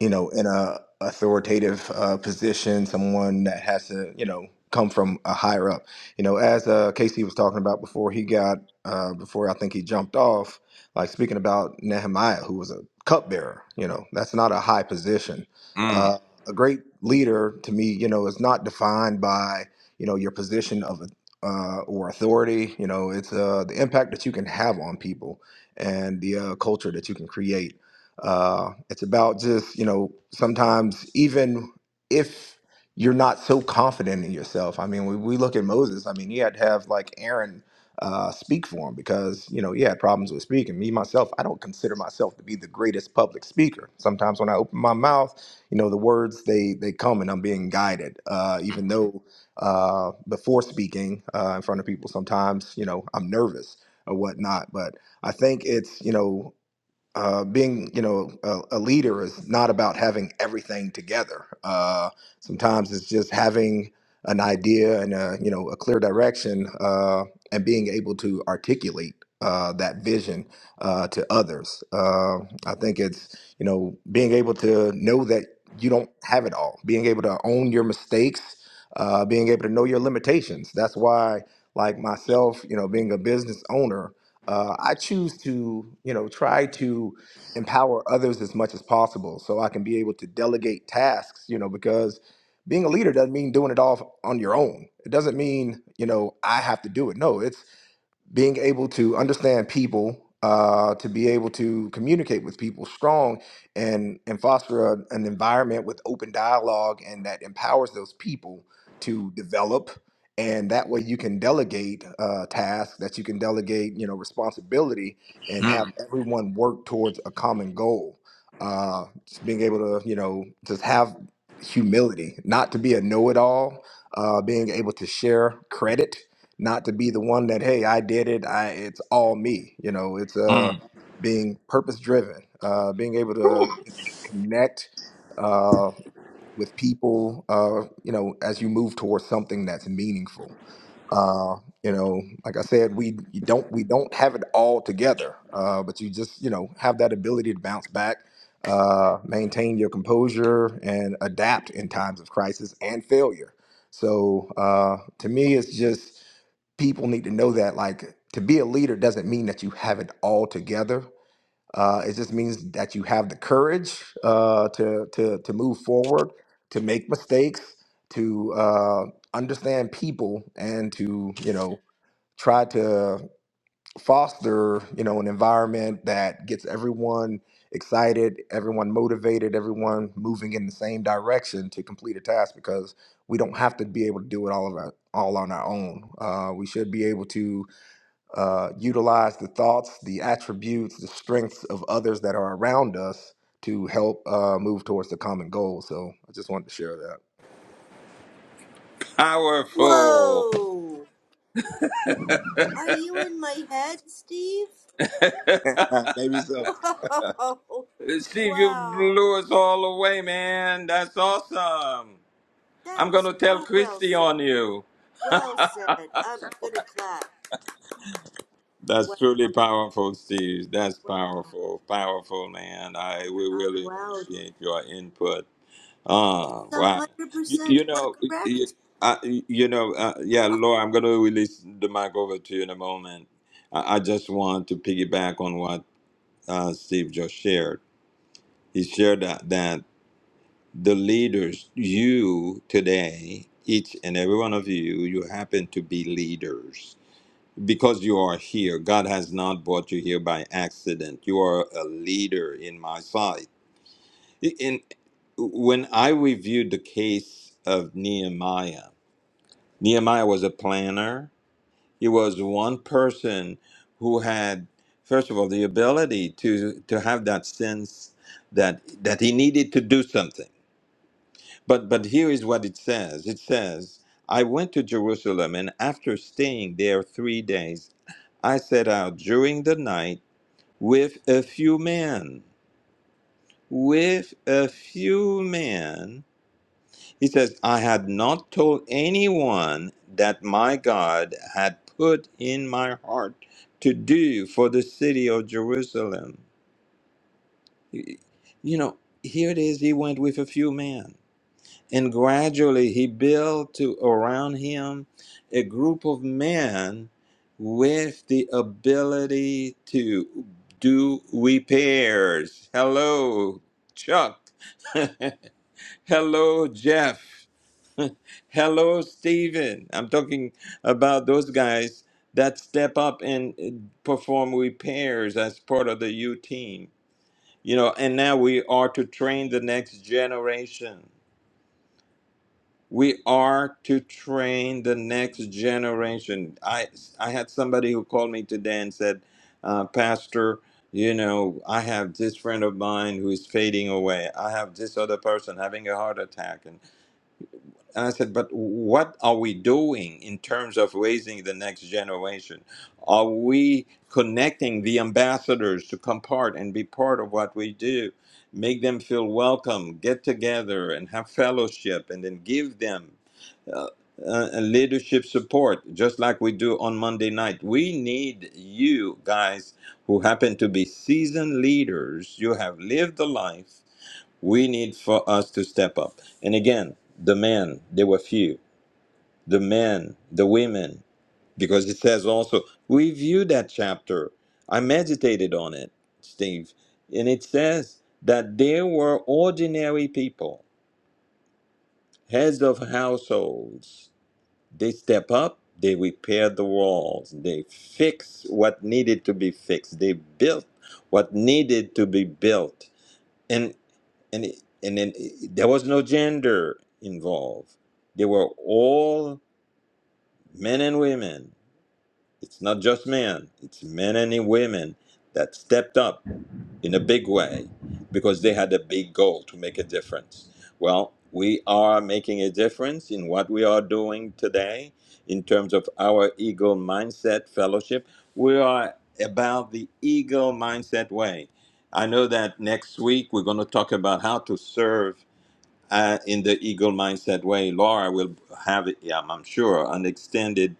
Speaker 5: you know, in a authoritative uh, position, someone that has to, you know, come from a higher up. You know, as uh, Casey was talking about before he got, uh, before I think he jumped off, like speaking about Nehemiah, who was a cupbearer. You know, that's not a high position.
Speaker 1: Mm,
Speaker 5: Uh, a great leader to me, you know, is not defined by, you know, your position of uh, or authority. You know, it's uh, the impact that you can have on people and the uh, culture that you can create uh, it's about just, you know, sometimes even if you're not so confident in yourself. I mean, when we look at Moses, I mean, he had to have like Aaron uh, speak for him because, you know, he had problems with speaking. Me, myself, I don't consider myself to be the greatest public speaker. Sometimes when I open my mouth, you know, the words, they, they come and I'm being guided, uh, even though uh, before speaking uh, in front of people, sometimes, you know, I'm nervous or whatnot. But I think it's, you know, uh, being you know a, a leader is not about having everything together uh, sometimes it's just having an idea and a, you know a clear direction uh, and being able to articulate uh, that vision uh, to others uh, i think it's you know being able to know that you don't have it all being able to own your mistakes uh, being able to know your limitations that's why like myself you know being a business owner uh, I choose to, you know, try to empower others as much as possible, so I can be able to delegate tasks. You know, because being a leader doesn't mean doing it all on your own. It doesn't mean, you know, I have to do it. No, it's being able to understand people uh, to be able to communicate with people strong and and foster a, an environment with open dialogue and that empowers those people to develop and that way you can delegate uh, tasks that you can delegate you know responsibility and
Speaker 1: mm,
Speaker 5: have everyone work towards a common goal uh, just being able to you know just have humility not to be a know-it-all uh, being able to share credit not to be the one that hey i did it i it's all me you know it's uh
Speaker 1: mm.
Speaker 5: being purpose driven uh being able to
Speaker 1: Whew,
Speaker 5: you know, connect uh with people uh you know as you move towards something that's meaningful uh you know like i said we you don't we don't have it all together uh but you just you know have that ability to bounce back uh maintain your composure and adapt in times of crisis and failure so uh to me it's just people need to know that like to be a leader doesn't mean that you have it all together uh, it just means that you have the courage uh, to to to move forward to make mistakes to uh, understand people and to you know try to foster you know an environment that gets everyone excited everyone motivated everyone moving in the same direction to complete a task because we don't have to be able to do it all of our, all on our own uh, we should be able to uh, utilize the thoughts, the attributes, the strengths of others that are around us to help uh, move towards the common goal. So I just wanted to share
Speaker 1: Powerful.
Speaker 6: Whoa! Are you in my head, Steve?
Speaker 5: that. Maybe so.
Speaker 6: Whoa!
Speaker 1: Steve, you
Speaker 6: Wow!
Speaker 1: blew us all away, man. That's awesome.
Speaker 6: That
Speaker 1: I'm
Speaker 6: was
Speaker 1: gonna tell
Speaker 6: so well
Speaker 1: Christy
Speaker 6: said.
Speaker 1: on you.
Speaker 6: Well said. I'm gonna clap.
Speaker 1: That's
Speaker 6: Wow!
Speaker 1: truly powerful, Steve. That's
Speaker 6: Wow!
Speaker 1: powerful, powerful, man. I we
Speaker 6: I'm I'm
Speaker 1: really
Speaker 6: wowed.
Speaker 1: appreciate your input
Speaker 6: It's
Speaker 1: Ah,
Speaker 6: a
Speaker 1: wow.
Speaker 6: hundred
Speaker 1: You,
Speaker 6: percent
Speaker 1: you know,
Speaker 6: correct.
Speaker 1: you, I, you know, uh, yeah, Laura, I'm going to release the mic over to you in a moment. I, I just want to piggyback on what uh, Steve just shared. He shared that, that the leaders, you today, each and every one of you, you happen to be leaders because you are here. God has not brought you here by accident. You are a leader in my sight in when I reviewed the case of Nehemiah, Nehemiah was a planner. He was one person who had, first of all, the ability to to have that sense that that he needed to do something. But but here is what it says. It says, I went to Jerusalem, and after staying there three days, I set out during the night with a few men, with a few men He says, I had not told anyone that my God had put in my heart to do for the city of Jerusalem. You know, here it is, he went with a few men. And gradually he built to around him a group of men with the ability to do repairs. Hello, Chuck. Hello, Jeff. Hello, Stephen. I'm talking about those guys that step up and perform repairs as part of the U team. You know, and now we are to train the next generation. We are to train the next generation. I I had somebody who called me today and said, uh, Pastor, you know, I have this friend of mine who is fading away. I have this other person having a heart attack, and. And I said, but what are we doing in terms of raising the next generation? Are we connecting the ambassadors to come part and be part of what we do? Make them feel welcome, get together and have fellowship, and then give them uh, leadership support, just like we do on Monday night. We need you guys who happen to be seasoned leaders. You have lived the life. We need for us to step up. And again, the men, they were few the men, the women, because it says also, we view that chapter. I meditated on it, Steve, and it says that there were ordinary people, heads of households. They step up, they repair the walls, they fix what needed to be fixed, they built what needed to be built. And and it- and then it- there was no gender involved. They were all men and women It's not just men, it's men and women that stepped up in a big way because they had a big goal to make a difference. Well, we are making a difference in what we are doing today in terms of our Eagle Mindset Fellowship. We are about the Eagle Mindset Way. I know that next week we're going to talk about how to serve uh, in the eagle mindset way, Laura will have, yeah, I'm sure, an extended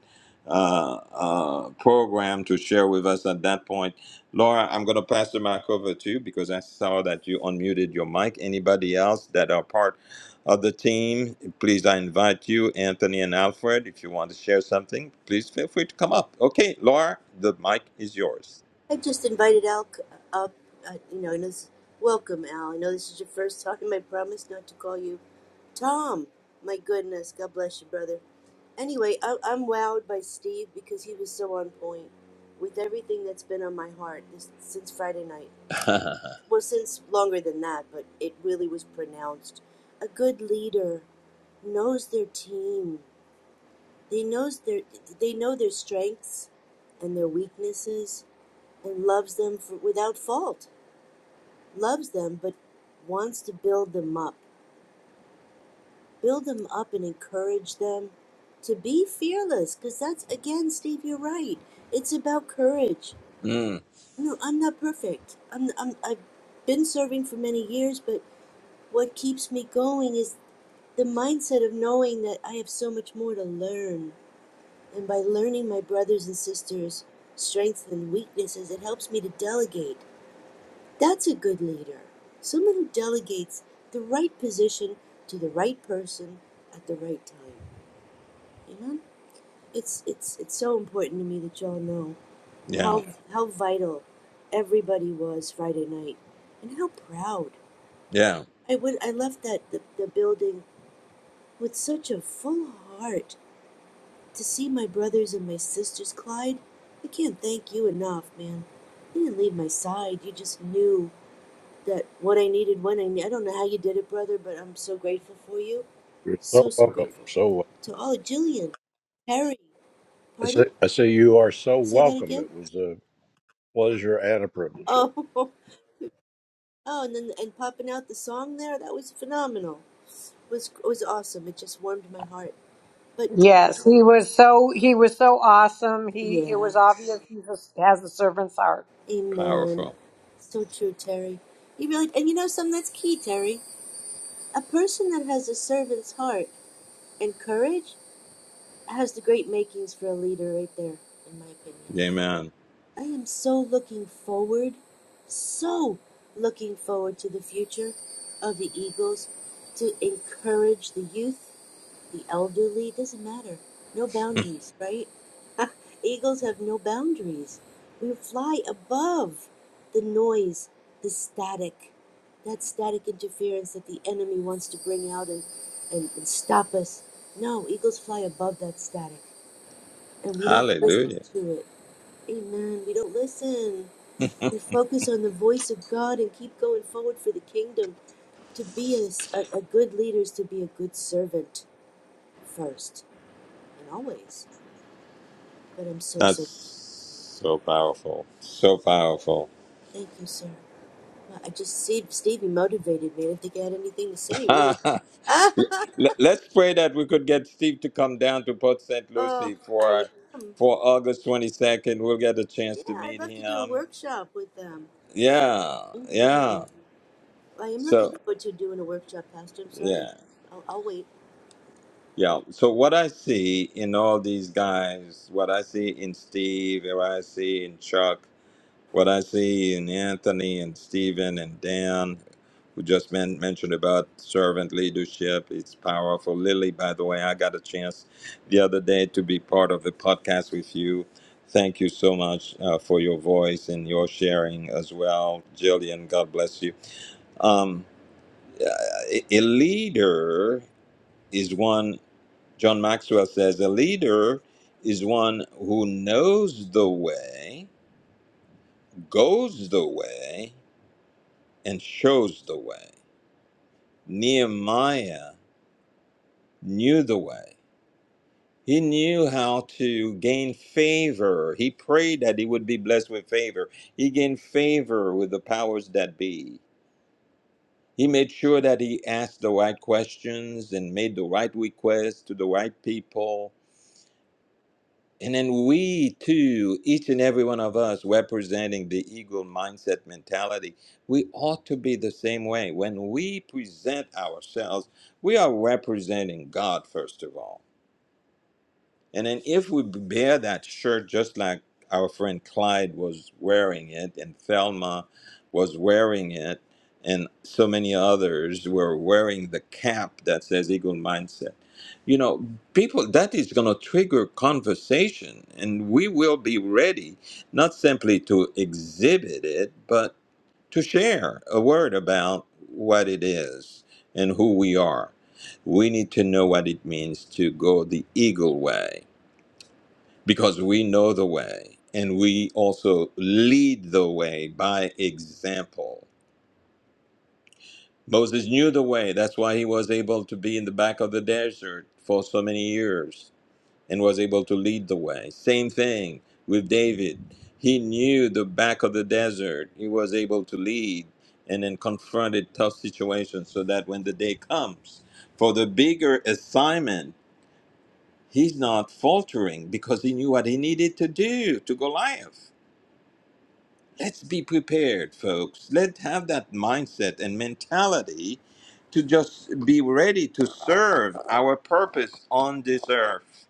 Speaker 1: uh, uh, program to share with us at that point. Laura, I'm going to pass the mic over to you because I saw that you unmuted your mic. Anybody else that are part of the team, please, I invite you, Anthony and Alfred, if you want to share something, please feel free to come up. Okay, Laura, the mic is yours.
Speaker 6: I just invited Al c- up. Uh, you know, and it's, welcome, Al. I know this is your first time. I promise not to call you Tom. My goodness, God bless you, brother. Anyway, I, I'm wowed by Steve because he was so on point with everything that's been on my heart this, since Friday night.
Speaker 1: mm,
Speaker 6: Well, since longer than that, but it really was pronounced. A good leader knows their team. They knows their they know their strengths and their weaknesses and loves them for, without fault loves them but wants to build them up build them up and encourage them to be fearless because that's again steve you're right it's about courage no i'm not perfect I'm, I'm i've been serving for many years but what keeps me going is the mindset of knowing that i have so much more to learn and by learning my brothers and sisters strengths and weaknesses it helps me to delegate That's a good leader. Someone who delegates the right position to the right person at the right time. You know? It's it's it's so important to me that y'all know
Speaker 1: yeah,
Speaker 6: how how vital everybody was Friday night and how proud.
Speaker 1: yeah,
Speaker 6: I would I left that the, the building with such a full heart to see my brothers and my sisters, Clyde. I can't thank you enough, man. You didn't leave my side. You just knew that what I needed when I need. I don't know how you did it, brother, but I'm so grateful for you.
Speaker 4: You're
Speaker 6: So
Speaker 4: so
Speaker 6: so
Speaker 4: welcome.
Speaker 6: grateful.
Speaker 4: So
Speaker 6: To all Jillian, Harry,
Speaker 4: I say
Speaker 6: pardon,
Speaker 4: I say you are so
Speaker 6: say that
Speaker 4: welcome.
Speaker 6: again.
Speaker 4: It was a pleasure and a privilege.
Speaker 6: Oh, oh, and then and popping out the song there that was phenomenal. Was was awesome. It just warmed my heart. But
Speaker 2: Yes, he was so he was so awesome. He it
Speaker 6: yeah,
Speaker 2: was obvious he just has a servant's heart.
Speaker 6: amen.
Speaker 1: powerful.
Speaker 6: So true, Terry. You really and you know something that's key, Terry. A person that has a servant's heart and courage has the great makings for a leader, right there, in my opinion.
Speaker 1: Amen.
Speaker 6: I am so looking forward, so looking forward to the future of the Eagles to encourage the youth, the elderly, doesn't matter. No boundaries, right? Eagles have no boundaries. We fly above the noise, the static, that static interference that the enemy wants to bring out and, and, and stop us. No, eagles fly above that static, and we don't listen
Speaker 1: Hallelujah.
Speaker 6: to it. Amen. We don't listen. We focus on the voice of God and keep going forward for the kingdom. To be a, s- a- a good leader is to be a good servant first and always. But I'm so, so grateful.
Speaker 1: That's so powerful. So powerful.
Speaker 6: Thank you, sir. Well, I just see Stevie motivated me. I didn't think I had anything to say, really.
Speaker 1: Let- Let's pray that we could get Steve to come down to Port St.
Speaker 6: oh, I
Speaker 1: Lucie for
Speaker 6: am.
Speaker 1: for August 22nd. We'll get a chance
Speaker 6: Yeah,
Speaker 1: to
Speaker 6: I'd
Speaker 1: meet
Speaker 6: love to do a
Speaker 1: him.
Speaker 6: workshop with them.
Speaker 1: Yeah,
Speaker 6: hmm
Speaker 1: yeah.
Speaker 6: I am looking
Speaker 1: So,
Speaker 6: forward to doing a workshop, Pastor. I'm sorry.
Speaker 1: yeah,
Speaker 6: I'll, I'll wait.
Speaker 1: yeah. So, what I see in all these guys, what I see in Steve, what I see in Chuck, What I see in Anthony and Stephen and Dan, who just men- mentioned about servant leadership, it's powerful. Lily, by the way, I got a chance the other day to be part of the podcast with you. Thank you so much uh, for your voice and your sharing as well. Jillian, God bless you. Um, a a leader is one, John Maxwell says, a leader is one who knows the way, goes the way, and shows the way. Nehemiah knew the way. He knew how to gain favor. He prayed that he would be blessed with favor. He gained favor with the powers that be. He made sure that he asked the right questions and made the right requests to the right people And then we too, each and every one of us representing the eagle mindset mentality, we ought to be the same way. When we present ourselves, we are representing God, first of all. And then if we bear that shirt just like our friend Clyde was wearing it and Thelma was wearing it and so many others were wearing the cap that says eagle mindset. You know, people that is going to trigger conversation and we will be ready not simply to exhibit it but to share a word about what it is and who we are. We need to know what it means to go the eagle way because we know the way and we also lead the way by example. Moses knew the way. That's why he was able to be in the back of the desert for so many years and was able to lead the way. Same thing with David. He knew the back of the desert. He was able to lead and then confronted tough situations so that when the day comes for the bigger assignment, he's not faltering because he knew what he needed to do to Goliath let's be prepared, folks. Let's have that mindset and mentality to just be ready to serve our purpose on this earth.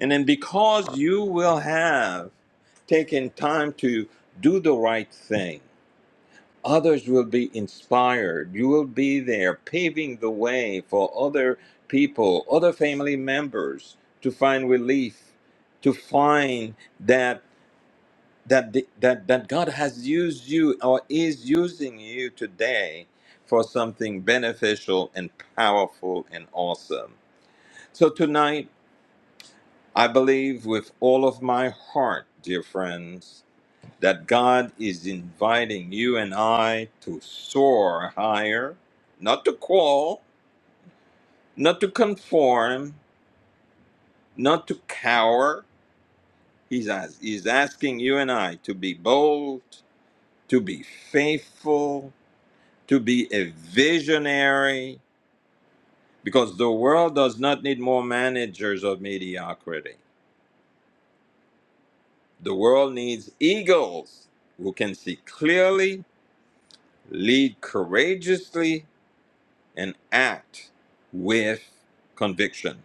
Speaker 1: And then because you will have taken time to do the right thing, others will be inspired. You will be there paving the way for other people, other family members to find relief, to find that that the- that that God has used you or is using you today for something beneficial and powerful and awesome. So tonight, I believe with all of my heart, dear friends, that God is inviting you and I to soar higher, not to crawl, not to conform, not to cower. He's, as, he's asking you and I to be bold, to be faithful, to be a visionary because the world does not need more managers of mediocrity. The world needs eagles who can see clearly, lead courageously, and act with conviction.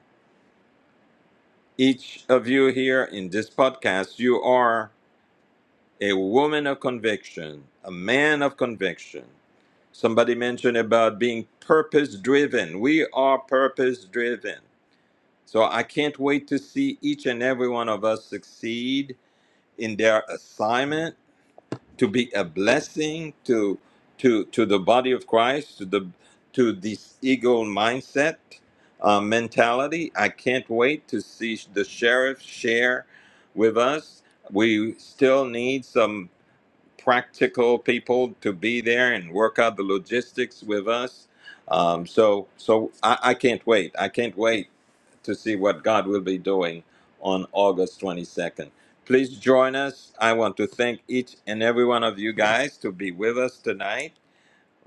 Speaker 1: Each of you here in this podcast, you are a woman of conviction, a man of conviction. Somebody mentioned about being purpose driven. We are purpose driven So I can't wait to see each and every one of us succeed in their assignment to be a blessing to to to the body of Christ, to the to this eagle mindset uh, mentality. I can't wait to see the sheriff share with us. We still need some practical people to be there and work out the logistics with us. Um, so, so I, I can't wait. I can't wait to see what God will be doing on August 22nd. Please join us. I want to thank each and every one of you guys to be with us tonight.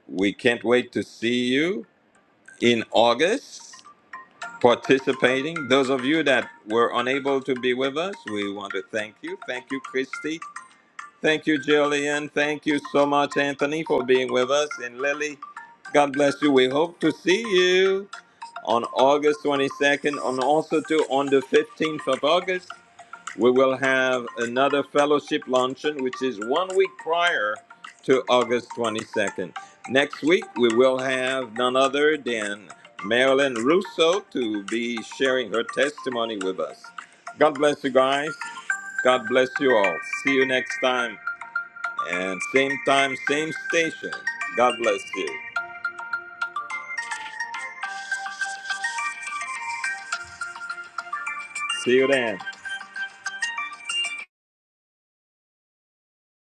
Speaker 1: We can't wait to see you in August participating. Those of you that were unable to be with us, we want to thank you. Thank you, Christy. Thank you, Jillian. Thank you so much, Anthony, for being with us. And Lily, God bless you. We hope to see you on August 22nd and also too on the 15th of August. We will have another fellowship luncheon, which is one week prior to August 22nd. Next week, we will have none other than Marilyn Russo to be sharing her testimony with us. God bless you guys. God bless you all. See you next time. And same time, same station. God bless you. See you then.